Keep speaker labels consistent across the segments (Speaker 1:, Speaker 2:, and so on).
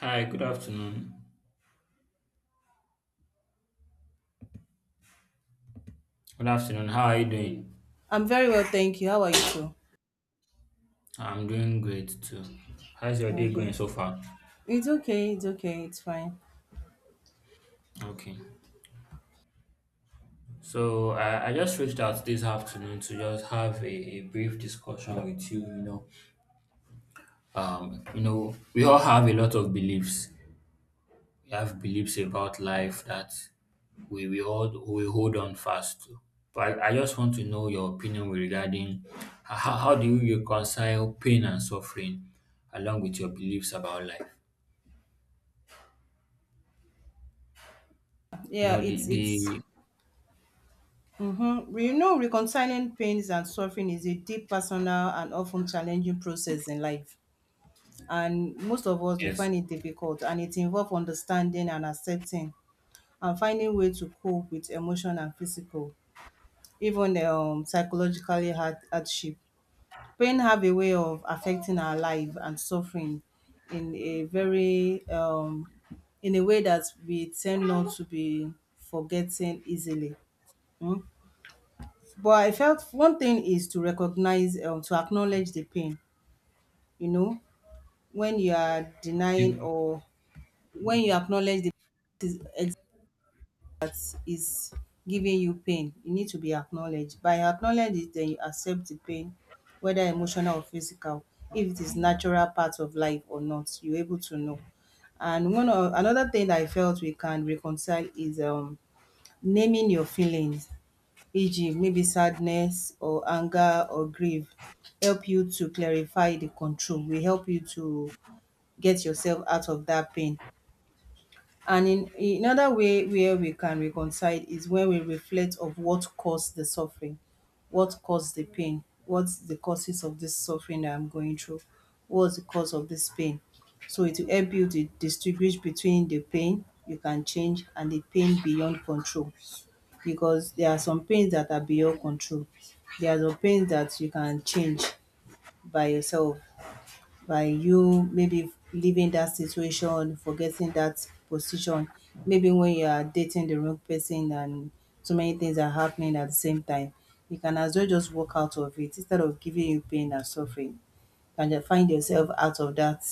Speaker 1: Hi, good afternoon. Good afternoon. How are you doing?
Speaker 2: I'm very well, thank you. How are you too?
Speaker 1: I'm doing great too. How's your day
Speaker 2: Okay.
Speaker 1: going so far?
Speaker 2: It's fine.
Speaker 1: Okay. So I just reached out this afternoon to just have a brief discussion with you, you know. We all have a lot of beliefs. We have beliefs about life that we hold on fast to. But I just want to know your opinion with regarding how do you reconcile pain and suffering along with your beliefs about life? You
Speaker 2: Yeah,
Speaker 1: know, the,
Speaker 2: it's
Speaker 1: the
Speaker 2: mm-hmm. You know, reconciling pains and suffering is a deep personal and often challenging process in life. And most of us we
Speaker 1: yes.
Speaker 2: find it difficult, and it involves understanding and accepting and finding way to cope with emotional and physical, even psychologically hardship. Pain have a way of affecting our life and suffering in a very in a way that we tend not to be forgetting easily. Mm. But I felt one thing is to recognize, to acknowledge the pain, you know, when you are denying
Speaker 1: Okay.
Speaker 2: or when you acknowledge the is, is is giving you pain, you need to be acknowledged. By acknowledging it, then you accept the pain, whether emotional or physical, if it is natural part of life or not, you're able to know. And another thing that I felt we can reconcile is naming your feelings, e.g., maybe sadness or anger or grief, help you to clarify the control, will help you to get yourself out of that pain. And in another way where we can reconcile is when we reflect of what caused the suffering, what caused the pain, what's the causes of this suffering that I'm going through, what's the cause of this pain. So it will help you to distinguish between the pain you can change and the pain beyond control. Because there are some pains that are beyond control. There are some pains that you can change by yourself, by you maybe leaving that situation, forgetting that position. Maybe when you are dating the wrong person and so many things are happening at the same time, you can as well just walk out of it instead of giving you pain and suffering. You can just find yourself out of that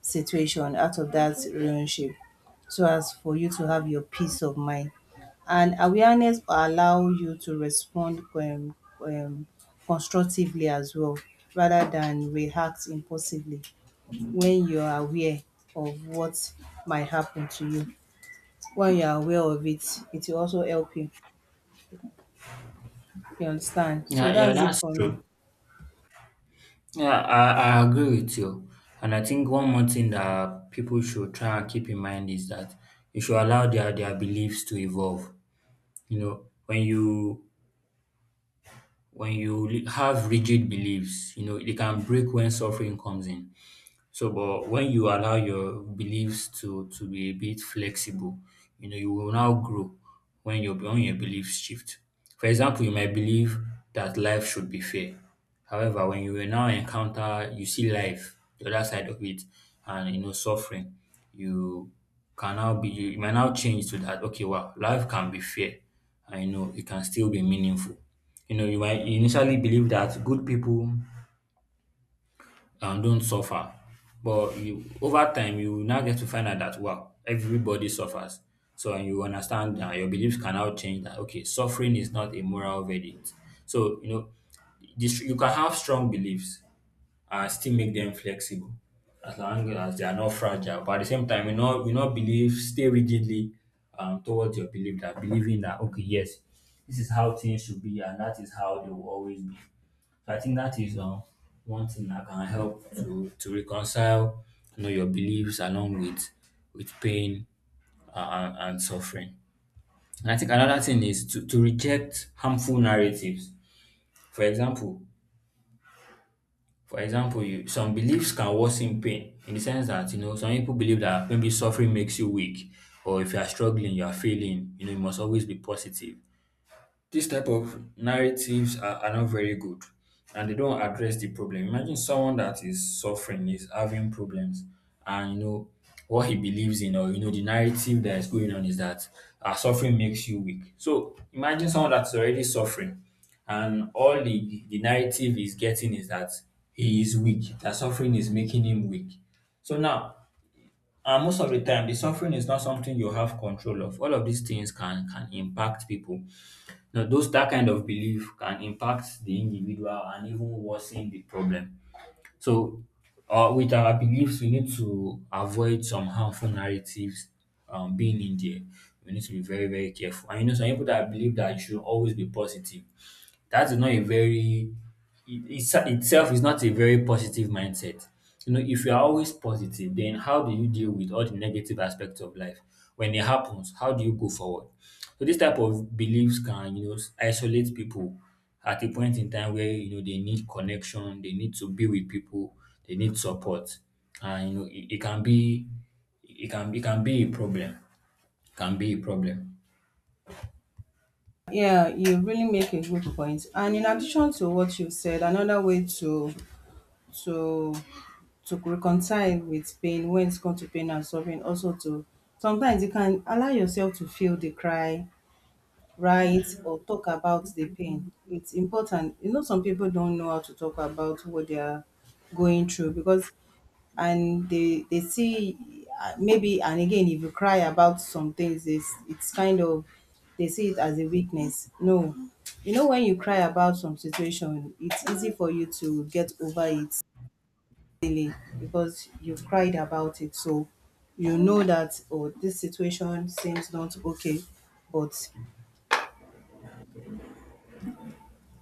Speaker 2: situation, out of that relationship, so as for you to have your peace of mind. And awareness will allow you to respond constructively as well rather than react impulsively when you are aware of what might happen to you. When you are aware of it, it will also help you. You understand? So
Speaker 1: Yeah, yeah,
Speaker 2: that's it
Speaker 1: that's
Speaker 2: for me.
Speaker 1: true. Yeah, I agree with you. And I think one more thing that people should try and keep in mind is that you should allow their beliefs to evolve. You know, when you have rigid beliefs, you know, they can break when suffering comes in. So, but when you allow your beliefs to be a bit flexible, you know, you will now grow when your beliefs shift. For example, you might believe that life should be fair. However, when you will now encounter you see life, the other side of it, and you know suffering, you can now be you might now change to that, okay, wow, life can be fair, and you know it can still be meaningful. You know, you might initially believe that good people and don't suffer. But you over time you will now get to find out that wow, everybody suffers. So and you understand that your beliefs can now change that okay, suffering is not a moral verdict. So you know this, you can have strong beliefs and still make them flexible as long as they are not fragile. But at the same time, you not believe stay rigidly towards your belief that believing that okay yes, this is how things should be and that is how they will always be. So I think that is one thing that can help to reconcile, you know, your beliefs along with with pain and suffering. And I think another thing is to reject harmful narratives. For example, for example, you, some beliefs can worsen pain in the sense that you know some people believe that maybe suffering makes you weak, or if you are struggling, you are failing. You know you must always be positive. These type of narratives are not very good and they don't address the problem. Imagine someone that is suffering, is having problems, and you know what he believes in, or you know, the narrative that is going on is that suffering makes you weak. So imagine someone that's already suffering, and all the narrative he's getting is that he is weak, that suffering is making him weak. So now, and most of the time, the suffering is not something you have control of. All of these things can impact people now, those that kind of belief can impact the individual and even worsen the problem. So, with our beliefs, we need to avoid some harmful narratives being in there. We need to be very, very careful. And you know, some people that believe that you should always be positive. That is not a very it's itself is not a very positive mindset. You know, if you are always positive, then how do you deal with all the negative aspects of life? When it happens, how do you go forward? So this type of beliefs can, you know, isolate people at a point in time where you know they need connection, they need to be with people, they need support, and you know it can be it can be a problem. Can be a problem.
Speaker 2: Yeah, you really make a good point. And in addition to what you said, another way to to to reconcile with pain when it's come to pain and suffering, also to sometimes you can allow yourself to feel the cry, write or talk about the pain. It's important. You know, some people don't know how to talk about what they are going through because and they see maybe, and again, if you cry about some things, it's kind of, they see it as a weakness. No, you know, when you cry about some situation, it's easy for you to get over it easily, because you've cried about it. So you know that, oh, this situation seems not okay, but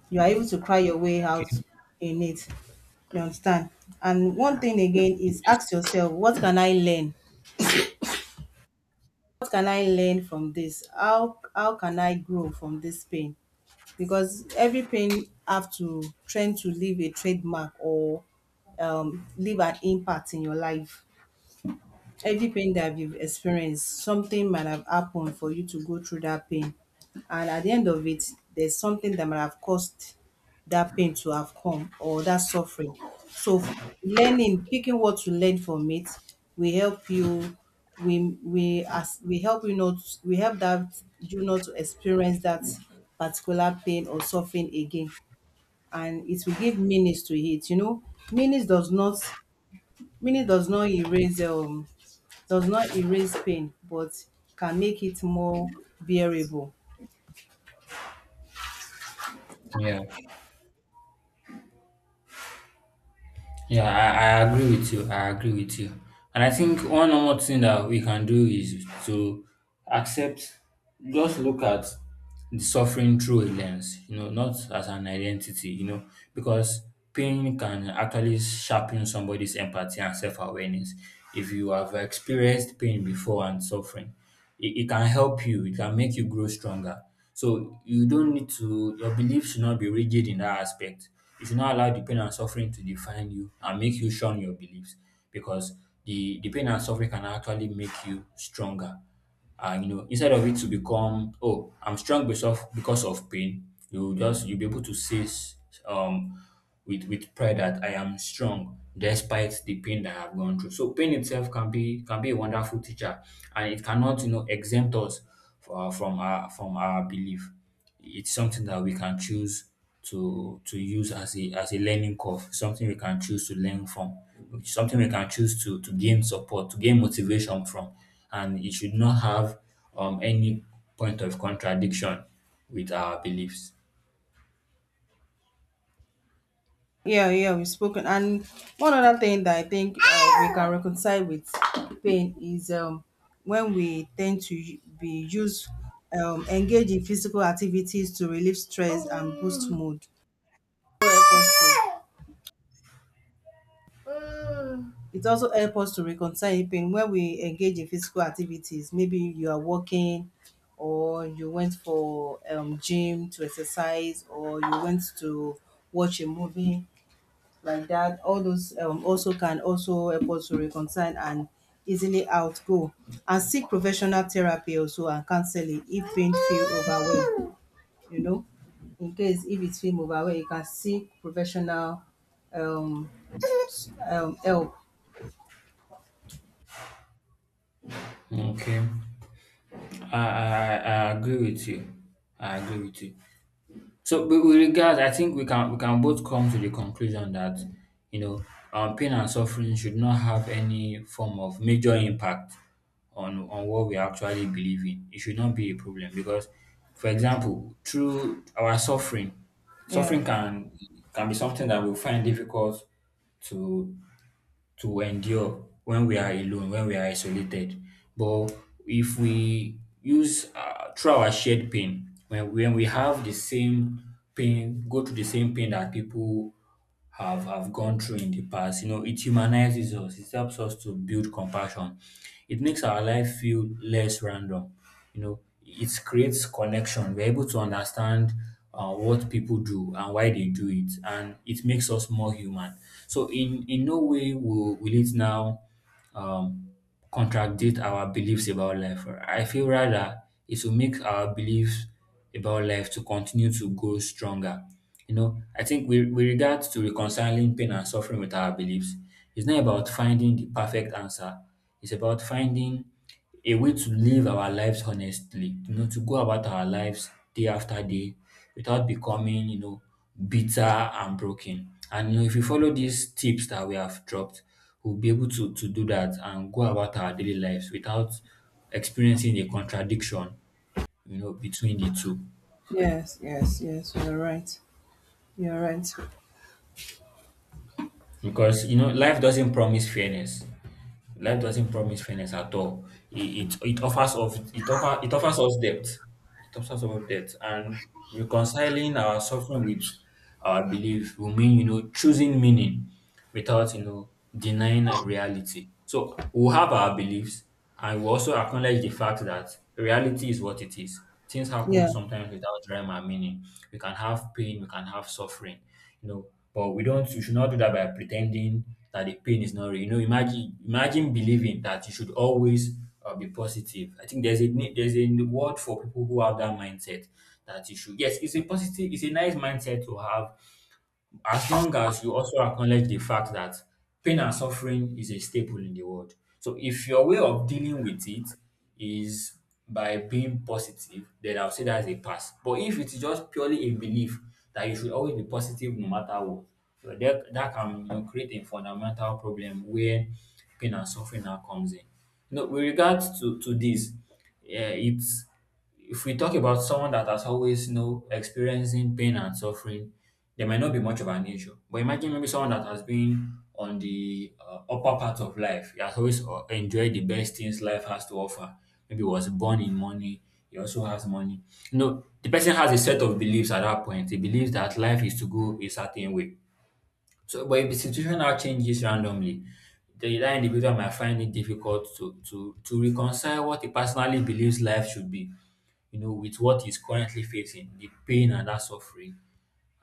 Speaker 2: you are able to cry your way out
Speaker 1: Okay.
Speaker 2: in it. You understand? And one thing again is,
Speaker 1: Yes.
Speaker 2: ask yourself, what can I learn What can I learn from this? How can I grow from this pain? Because every pain have to train to leave a trademark or leave an impact in your life. Every pain that you've experienced, something might have happened for you to go through that pain. And at the end of it, there's something that might have caused that pain to have come, or that suffering. So learning, picking what to learn from it, we help you we help you, not we help that you, not to experience that particular pain or suffering again. And it will give meanings to it, you know. meanings does not Meaning does not erase pain, but can make it more bearable.
Speaker 1: Yeah. Yeah, I agree with you. I agree with you. And I think one more thing that we can do is to accept, just look at the suffering through a lens, you know, not as an identity, you know, because pain can actually sharpen somebody's empathy and self awareness. If you have experienced pain before and suffering, it can help you, it can make you grow stronger. So you don't need to your beliefs should not be rigid in that aspect. You should not allow the pain and suffering to define you and make you shun your beliefs, because the pain and suffering can actually make you stronger. And you know instead of it to become, oh, I'm strong because of pain, you just you'll be able to say um with pride that I am strong despite the pain that I've gone through. So pain itself can be a wonderful teacher, and it cannot, you know, exempt us from our belief. It's something that we can choose to use as a learning curve, something we can choose to learn from, something we can choose to gain support, to gain motivation from, and it should not have any point of contradiction with our beliefs.
Speaker 2: Yeah, yeah, we've spoken. And one other thing that I think we can reconcile with pain is when we tend to engage in physical activities to relieve stress and boost mood. So help us to It also helps us to reconcile pain when we engage in physical activities. Maybe you are walking, or you went for gym to exercise, or you went to watch a movie, like that. All those also can also help us to reconcile and easily outgo, and seek professional therapy also and counseling if pain feel overwhelmed. You know, in case if it feel overwhelmed, you can seek professional, um, help.
Speaker 1: Okay, I agree with you. I agree with you. So with regards, I think we can both come to the conclusion that, you know, pain and suffering should not have any form of major impact on what we actually believe in. It should not be a problem because, for example, through our suffering,
Speaker 2: Yeah.
Speaker 1: suffering can be something that we find difficult to to endure when we are alone, when we are isolated. But if we use through our shared pain, when we have the same pain, go through the same pain that people have gone through in the past. You know, it humanizes us. It helps us to build compassion. It makes our life feel less random. You know, it creates connection. We're able to understand what people do and why they do it, and it makes us more human. So, in no way will it now. Um, Contradict our beliefs about life. I feel rather it will make our beliefs about life to continue to grow stronger. You know, I think with regards to reconciling pain and suffering with our beliefs, it's not about finding the perfect answer. It's about finding a way to live our lives honestly, you know, to go about our lives day after day without becoming, you know, bitter and broken. And you know, if we follow these tips that we have dropped, we'll be able to do that and go about our daily lives without experiencing a contradiction, you know, between the two.
Speaker 2: Yes, yes, yes. You're right. You're right.
Speaker 1: Because you know life doesn't promise fairness. Life doesn't promise fairness at all. It offers us depth. It offers us depth and reconciling our suffering with our belief will mean, you know, choosing meaning without, you know, denying reality. So we'll have our beliefs, and we also acknowledge the fact that reality is what it is. Things happen
Speaker 2: Yeah.
Speaker 1: sometimes without rhyme and meaning. We can have pain, we can have suffering, you know. But we should not do that by pretending that the pain is not real. You know, imagine believing that you should always be positive. I think there's a word for people who have that mindset, that you should. Yes, it's a positive, it's a nice mindset to have as long as you also acknowledge the fact that pain and suffering is a staple in the world. So if your way of dealing with it is by being positive, then I'll say that's a pass. But if it's just purely a belief that you should always be positive no matter what, well, that can, you know, create a fundamental problem where pain and suffering now comes in. You know, with regards to this, yeah, it's if we talk about someone that has always, you know, experiencing pain and suffering, there might not be much of an issue. But imagine maybe someone that has been on the upper part of life, he has always enjoyed the best things life has to offer. Maybe was born in money, he also has money. You know, the person has a set of beliefs at that point. He believes that life is to go a certain way. So, but if the situation now changes randomly, that individual might find it difficult to reconcile what he personally believes life should be, you know, with what he's currently facing, the pain and that suffering,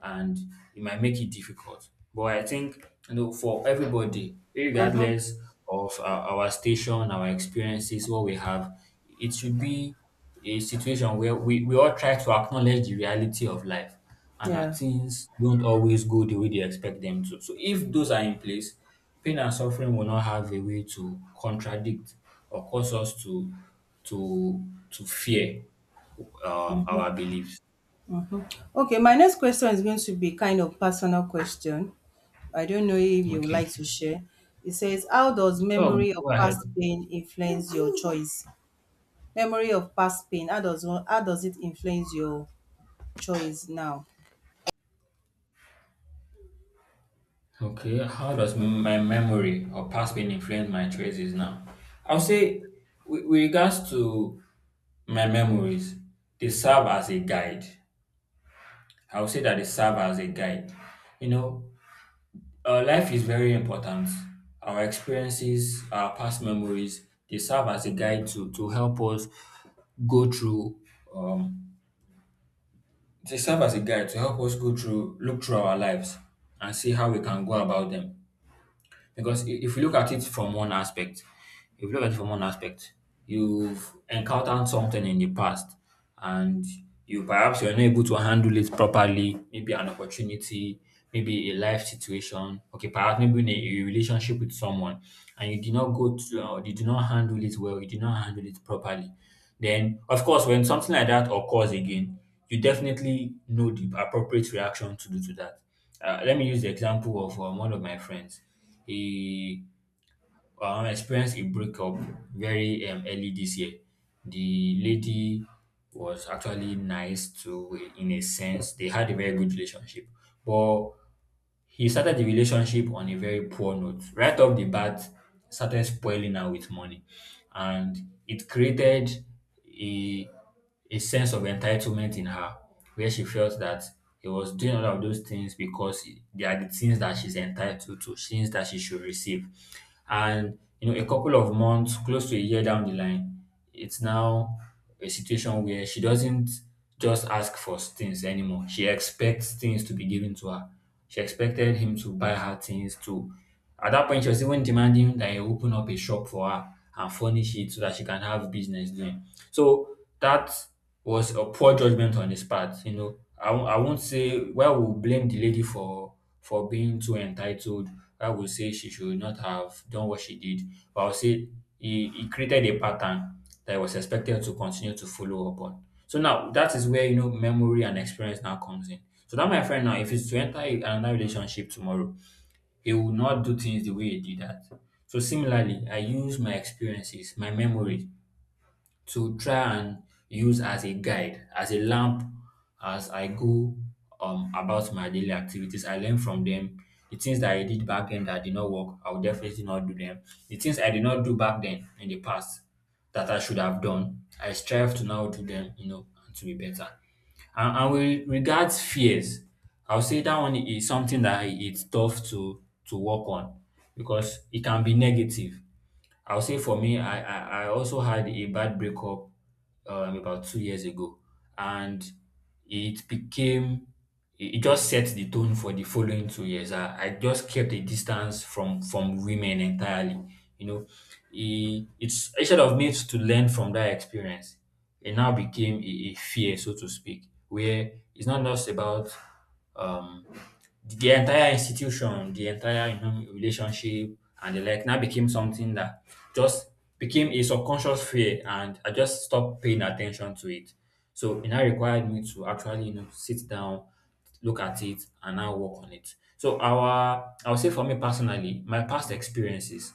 Speaker 1: and it might make it difficult. But I think for everybody,
Speaker 2: Mm-hmm.
Speaker 1: regardless of our station, our experiences, what we have, it should be a situation where we all try to acknowledge the reality of life and that
Speaker 2: Yeah.
Speaker 1: things don't always go the way they expect them to. So if those are in place, pain and suffering will not have a way to contradict or cause us to to to fear our beliefs.
Speaker 2: Mm-hmm. Okay. My next question is going to be kind of personal question. I don't know if you would
Speaker 1: Okay.
Speaker 2: like to share. It says, "How does
Speaker 1: So
Speaker 2: memory of
Speaker 1: go ahead.
Speaker 2: past pain influence your choice? Memory of past pain. How does one? How does it influence your choice now?"
Speaker 1: Okay, how does my memory or past pain influence my choices now? I'll say, with regards to my memories, they serve as a guide. I'll say that they serve as a guide. You know, life is very important. Our experiences, our past memories, they serve as a guide to help us go through um they serve as a guide to help us go through look through our lives and see how we can go about them. Because if you look at it from one aspect, if you look at it from one aspect, you've encountered something in the past and you perhaps you're not able to handle it properly, maybe an opportunity, maybe a life situation, okay, perhaps maybe in a relationship with someone, and you did not go to, or you did not handle it well, you did not handle it properly. Then, of course, when something like that occurs again, you definitely know the appropriate reaction to do to that. Let me use the example of one of my friends. He experienced a breakup very early this year. The lady was actually nice to in a sense. They had a very good relationship, but he started the relationship on a very poor note. Right off the bat, started spoiling her with money. And it created a a sense of entitlement in her where she felt that he was doing all of those things because they are the things that she's entitled to, things that she should receive. And you know, a couple of months, close to a year down the line, it's now a situation where she doesn't just ask for things anymore. She expects things to be given to her. She expected him to buy her things too. At that point, she was even demanding that he open up a shop for her and furnish it so that she can have business doing. So that was a poor judgment on his part. You know, I won't say well we'll blame the lady for being too entitled. I would say she should not have done what she did. But I'll say he created a pattern that I was expected to continue to follow up on. So now that is where you know memory and experience now comes in. So that my friend now, if he's to enter another relationship tomorrow, he will not do things the way he did that. So similarly, I use my experiences, my memory to try and use as a guide, as a lamp as I go about my daily activities. I learn from them. The things that I did back then that did not work, I will definitely not do them. The things I did not do back then in the past that I should have done, I strive to now do them, you know, and to be better. And with regards fears, I'll say that one is something that it's tough to work on because it can be negative. I'll say for me, I also had a bad breakup about 2 years ago, and it became it just set the tone for the following 2 years. I just kept a distance from women entirely. You know, it's instead of me to learn from that experience, it now became a fear, so to speak, where it's not just about um the entire institution, the entire you know, relationship and the like now became something that just became a subconscious fear and I just stopped paying attention to it. So it now required me to actually, you know, sit down, look at it and now work on it. So our I would say for me personally, my past experiences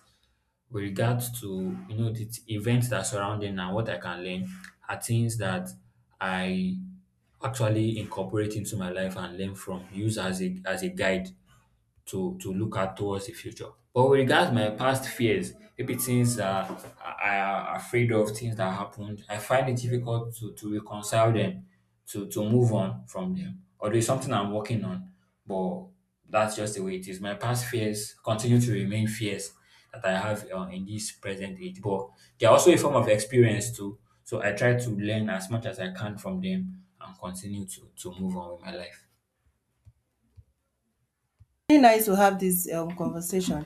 Speaker 1: with regards to you know the events that surrounding and what I can learn are things that I actually incorporate into my life and learn from, use as a guide to look at towards the future. But with regards my past fears, maybe things that I am afraid of, things that happened, I find it difficult to reconcile them, to move on from them. Although it's something I'm working on, but that's just the way it is. My past fears continue to remain fears that I have in this present age, but they're also a form of experience too. So I try to learn as much as I can from them and continue to move on with my life.
Speaker 2: Really nice to have this conversation.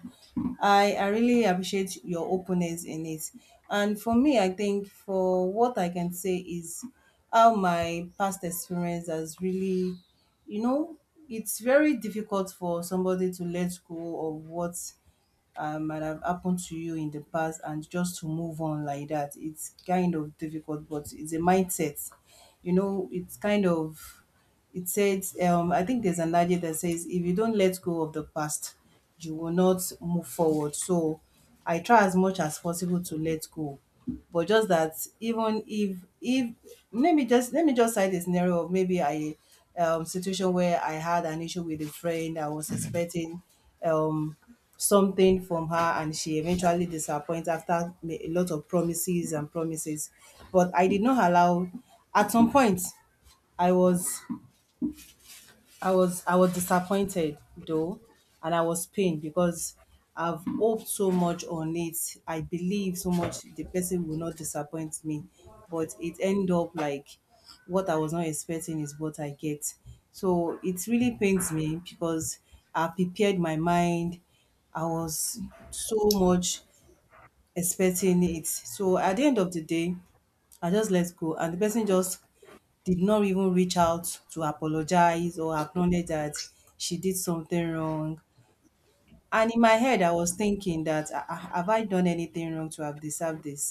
Speaker 2: I really appreciate your openness in it. And for me, I think for what I can say is how my past experience has really, you know, it's very difficult for somebody to let go of what might have happened to you in the past and just to move on like that. It's kind of difficult, but it's a mindset, you know. It's kind of, it says, I think there's an adage that says, if you don't let go of the past, you will not move forward. So I try as much as possible to let go, but just that, even if let me just cite a scenario of maybe I situation where I had an issue with a friend. I was expecting um something from her, and she eventually disappoints after a lot of promises and promises. But I did not allow, at some point, I was I was disappointed though, and I was pained because I've hoped so much on it. I believe so much the person will not disappoint me, but it ended up like what I was not expecting is what I get. So it really pains me, because I prepared my mind. I was so much expecting it. So at the end of the day, I just let go. And the person just did not even reach out to apologize or acknowledge that she did something wrong. And in my head, I was thinking that, "Ah, ah, have I done anything wrong to have deserved this?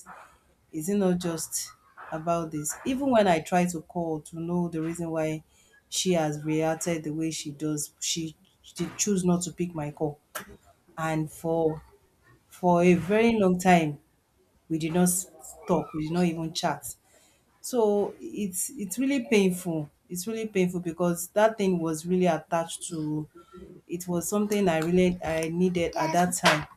Speaker 2: Is it not just about this?" Even when I try to call to know the reason why she has reacted the way she does, she choose not to pick my call. And for a very long time, we did not talk. We did not even chat. So it's really painful. It's really painful, because that thing was really attached to, it was something I needed at that time,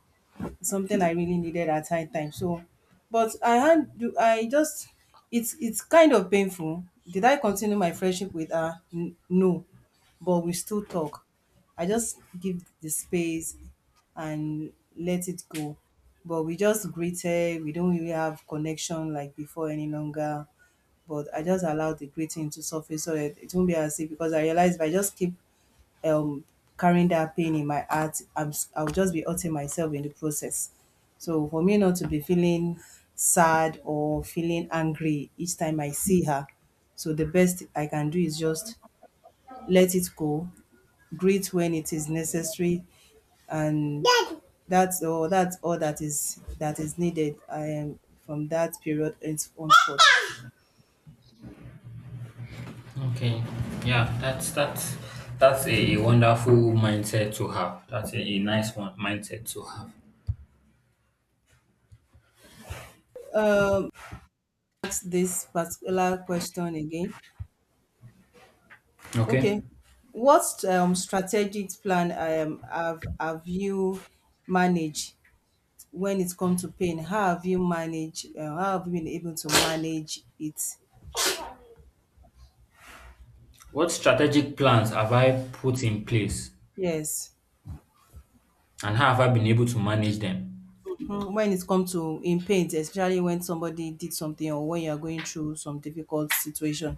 Speaker 2: something I really needed at that time. So, but I had do I just it's kind of painful. Did I continue my friendship with her? No, but we still talk. I just give the space and let it go. But we just greeted. We don't really have connection like before any longer. But I just allowed the greeting to surface, so that it won't be as if, because I realized if I just keep um carrying that pain in my heart, I'll just be hurting myself in the process. So for me not to be feeling sad or feeling angry each time I see her, so the best I can do is just let it go, greet when it is necessary, and that's all. That is that is needed. I am from that period henceforth.
Speaker 1: Okay. Yeah, that's a wonderful mindset to have. That's a nice one mindset to have.
Speaker 2: Um, ask this particular question again.
Speaker 1: Okay.
Speaker 2: Okay. What strategic plan have you managed when it comes to pain? How have you managed? How have you been able to manage it?
Speaker 1: What strategic plans have I put in place
Speaker 2: Yes.
Speaker 1: and how have I been able to manage them?
Speaker 2: Mhm. When it comes to in pain, especially when somebody did something or when you are going through some difficult situation.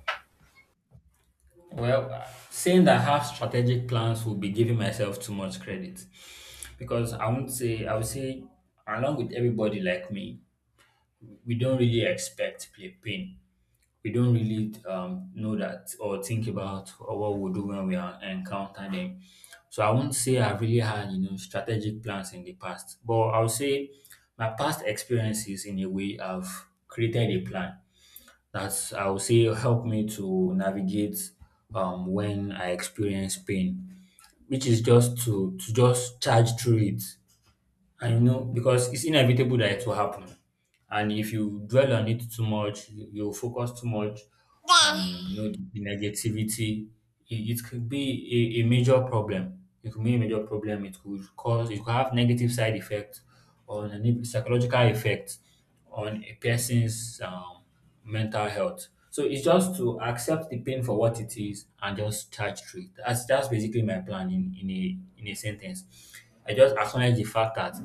Speaker 1: Well, saying that I have strategic plans would be giving myself too much credit because I won't say, I would say, along with everybody like me, we don't really expect pain. We don't really know that or think about what we'll do when we are, encounter them. So I won't say I've really had, you know, strategic plans in the past, but I'll say my past experiences in a way have created a plan that's, I would say, helped me to navigate when I experience pain, which is just to just charge through it and you know, because it's inevitable that it will happen. And if you dwell on it too much, you'll focus too much on, you know, the negativity. It could be a major problem. It could be a major problem. It could have negative side effects on a psychological effect on a person's mental health. So it's just to accept the pain for what it is and just charge through it. That's basically my plan in a sentence. I just acknowledge the fact that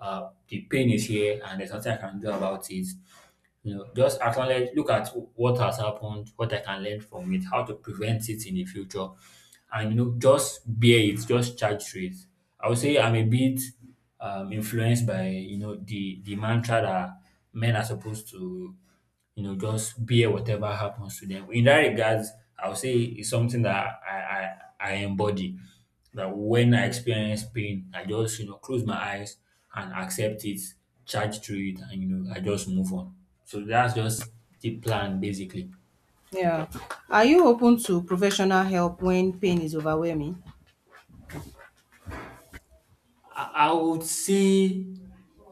Speaker 1: the pain is here and there's nothing I can do about it. You know, just acknowledge, look at what has happened, what I can learn from it, how to prevent it in the future, and you know, just bear it, just charge through it. I would say I'm a bit influenced by you know the mantra that men are supposed to you know, just bear whatever happens to them. In that regards, I would say it's something that I embody. That when I experience pain, I just, you know, close my eyes and accept it, charge through it, and, you know, I just move on. So that's just the plan, basically.
Speaker 2: Yeah. Are you open to professional help when pain is overwhelming?
Speaker 1: I would say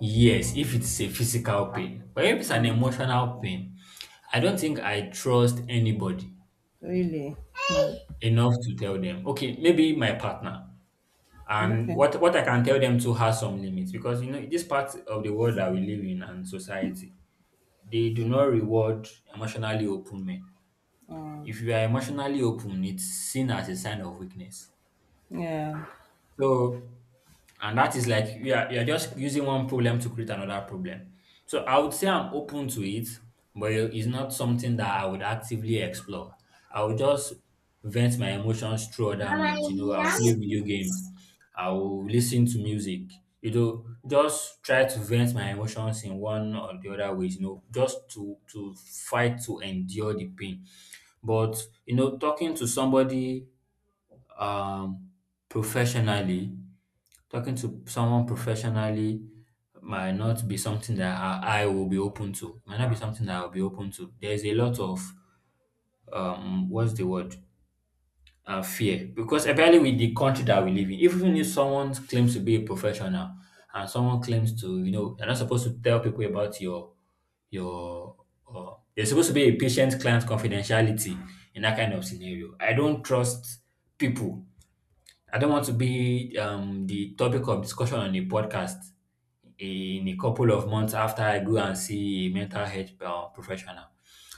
Speaker 1: yes, if it's a physical pain, but if it's an
Speaker 2: Mm.
Speaker 1: emotional pain, I don't think I trust anybody
Speaker 2: Really?
Speaker 1: enough to tell them, okay, maybe my partner. And
Speaker 2: Okay.
Speaker 1: what I can tell them too has some limits because you know this part of the world that we live in and society, they do not reward emotionally open men.
Speaker 2: Mm.
Speaker 1: If you are emotionally open, it's seen as a sign of weakness.
Speaker 2: Yeah.
Speaker 1: So and that is like you are just using one problem to create another problem. So I would say I'm open to it, but it's not something that I would actively explore. I would just vent my emotions through other means. You know, I'll play video games, I'll listen to music, you know, just try to vent my emotions in one or the other ways, you know, just to fight to endure the pain. But you know, talking to somebody um, professionally, talking to someone professionally might not be something that I will be open to. Might not be something that I'll be open to. There's a lot of what's the word? Fear because apparently with the country that we live in, even if someone claims to be a professional and someone claims to, you know, you're not supposed to tell people about your uh, there's supposed to be a patient client confidentiality in that kind of scenario. I don't trust people. I don't want to be the topic of discussion on a podcast in a couple of months after I go and see a mental health professional.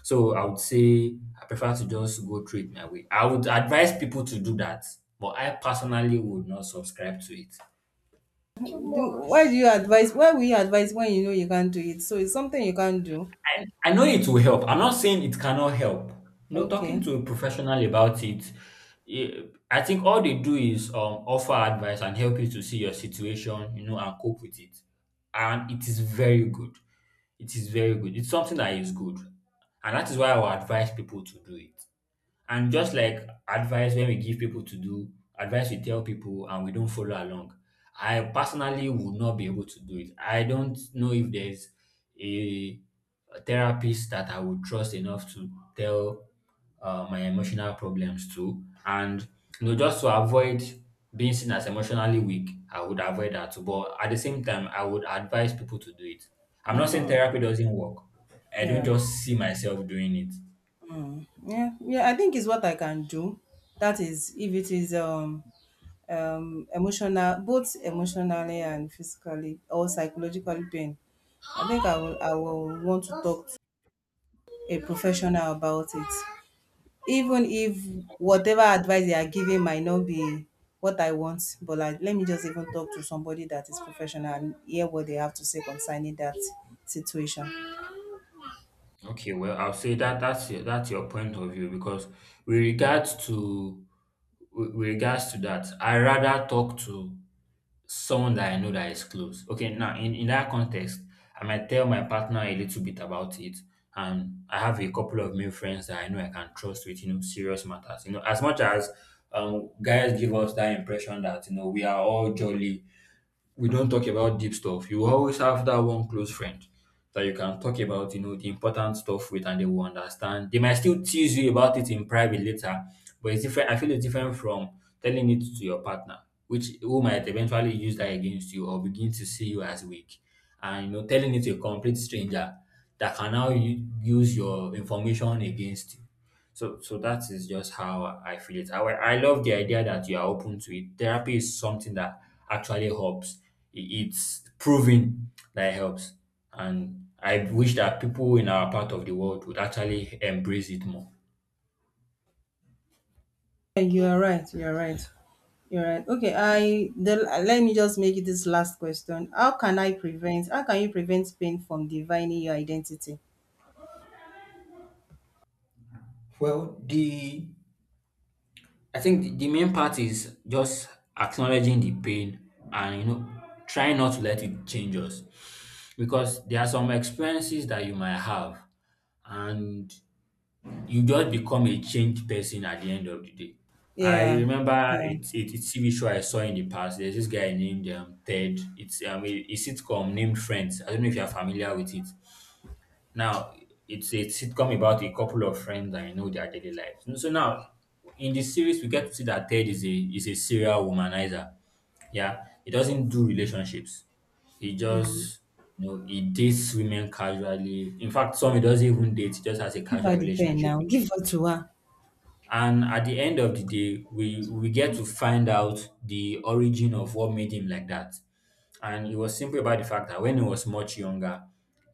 Speaker 1: So I would say I prefer to just go through it my way. I would advise people to do that, but I personally would not subscribe to it.
Speaker 2: Do, why do you advise, why will you advise when you know you can't do it? So it's something you can't do.
Speaker 1: I know it will help. I'm not saying it cannot help. You know, talking
Speaker 2: Okay.
Speaker 1: to a professional about it, eh, I think all they do is offer advice and help you to see your situation, you know, and cope with it. And it is very good. It is very good. It's something that is good. And that is why I would advise people to do it. And just like advice when we give people to do, advice we tell people and we don't follow along. I personally would not be able to do it. I don't know if there's a, a therapist that I would trust enough to tell my emotional problems to. And you know, just to avoid being seen as emotionally weak, I would avoid that too. But at the same time, I would advise people to do it. I'm not saying therapy doesn't work. I don't
Speaker 2: Yeah.
Speaker 1: just see myself doing it.
Speaker 2: Yeah. Yeah, I think it's what I can do. That is if it is emotional, both emotionally and physically or psychologically pain. I will want to talk to a professional about it, even if whatever advice they are giving might not be what I want, but like let me just even talk to somebody that is professional and hear what they have to say concerning that situation.
Speaker 1: Okay, well, I'll say that that's your point of view because with regards to with regards to that, I rather talk to someone that I know that is close. Okay, now in that context, I might tell my partner a little bit about it. And I have a couple of male friends that I know I can trust with, you know, serious matters. You know, as much as guys give us that impression that, you know, we are all jolly, we don't talk about deep stuff. You always have that one close friend that you can talk about, you know, the important stuff with, and they will understand. They might still tease you about it in private later, but it's different. I feel it's different from telling it to your partner, which who might eventually use that against you or begin to see you as weak. And you know, telling it to a complete stranger that can now use your information against you. So, that is just how I feel it. I love the idea that you are open to it. Therapy is something that actually helps. It's proven that it helps, and I wish that people in our part of the world would actually embrace it more.
Speaker 2: You are right. You are right. You're right. Okay, let me just make it this last question. How can I prevent? How can you prevent pain from divining your identity?
Speaker 1: Well, the I think the main part is just acknowledging the pain, and you know, trying not to let it change us because there are some experiences that you might have, and you just become a changed person at the end of the day. I
Speaker 2: Yeah,
Speaker 1: remember
Speaker 2: yeah.
Speaker 1: it. It, It's TV show I saw in the past. There's this guy named Ted. It's a sitcom named Friends. I don't know if you're familiar with it. Now, it's a sitcom about a couple of friends and you know their daily lives. So now, in this series, we get to see that Ted is a serial womanizer. Yeah, he doesn't do relationships. He just, you know, he dates women casually. In fact, some he doesn't even date. He just has a
Speaker 2: Give her
Speaker 1: casual
Speaker 2: the pen
Speaker 1: relationship
Speaker 2: now.
Speaker 1: with,
Speaker 2: Give her to her.
Speaker 1: and at the end of the day, we get to find out the origin of what made him like that. And it was simply about the fact that when he was much younger,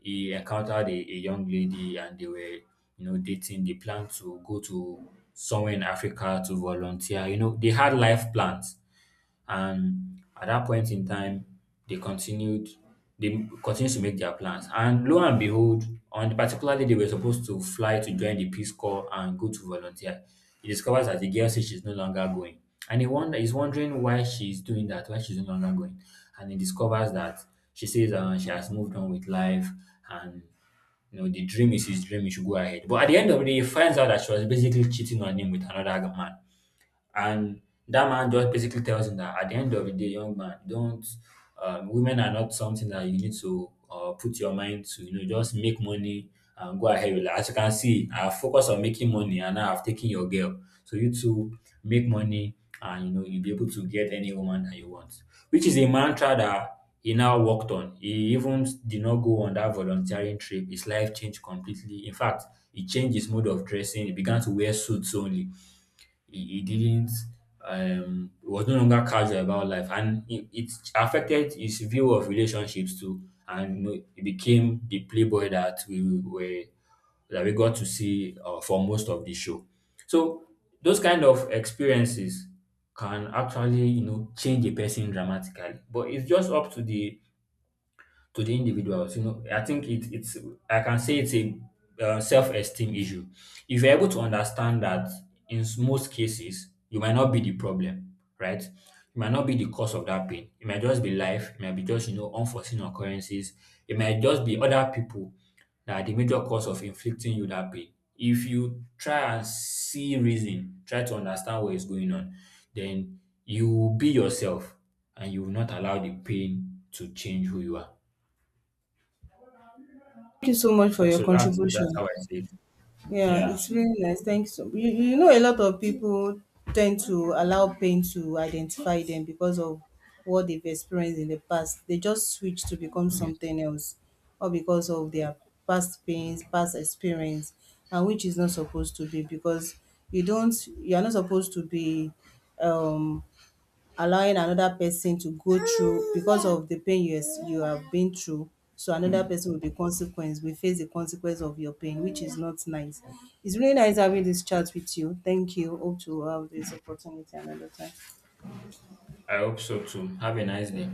Speaker 1: he encountered a young lady and they were, you know, dating. They planned to go to somewhere in Africa to volunteer. You know, they had life plans. And at that point in time, they continued they continued to make their plans. And lo and behold, on the particular day they were supposed to fly to join the Peace Corps and go to volunteer, he discovers that the girl says she's no longer going. And he's wondering why she's doing that, why she's no longer going. And he discovers that she says she has moved on with life, and you know the dream is his dream, he should go ahead. But at the end of the day, he finds out that she was basically cheating on him with another man. And that man just basically tells him that at the end of the day, young man, don't women are not something that you need to put your mind to. You know, just make money and go ahead with life. As you can see, I focus on making money, and now I've taken your girl. So you two make money, and you know you'll be able to get any woman that you want. Which is a mantra that he now worked on. He even did not go on that volunteering trip. His life changed completely. In fact, he changed his mode of dressing. He began to wear suits only. He didn't he was no longer casual about life, and it affected his view of relationships too, and you know, he became the playboy that we were that we got to see for most of the show. So those kind of experiences can actually, you know, change a person dramatically, but it's just up to the individuals. You know, I think it's, I can say it's a self-esteem issue. If you're able to understand that in most cases you might not be the problem, right? You might not be the cause of that pain. It might just be life. It might be just, you know, unforeseen occurrences. It might just be other people that are the major cause of inflicting you that pain. If you try and see reason, try to understand what is going on, then you will be yourself and you will not allow the pain to change who you are.
Speaker 2: Thank you so much for
Speaker 1: So,
Speaker 2: your
Speaker 1: that's
Speaker 2: contribution.
Speaker 1: how I see it.
Speaker 2: Yeah,
Speaker 1: Yeah.
Speaker 2: it's really nice. Thanks. You, so, you know, a lot of people tend to allow pain to identify them because of what they've experienced in the past. They just switch to become
Speaker 1: Mm.
Speaker 2: something else, or because of their past pains, past experience, and which is not supposed to be, because you don't, you are not supposed to be um allowing another person to go through because of the pain you have been through, so another person will be consequence. We face the consequence of your pain, which is not nice. It's really nice having this chat with you. Thank you. Hope to have this opportunity another time.
Speaker 1: I hope so too. Have a nice day.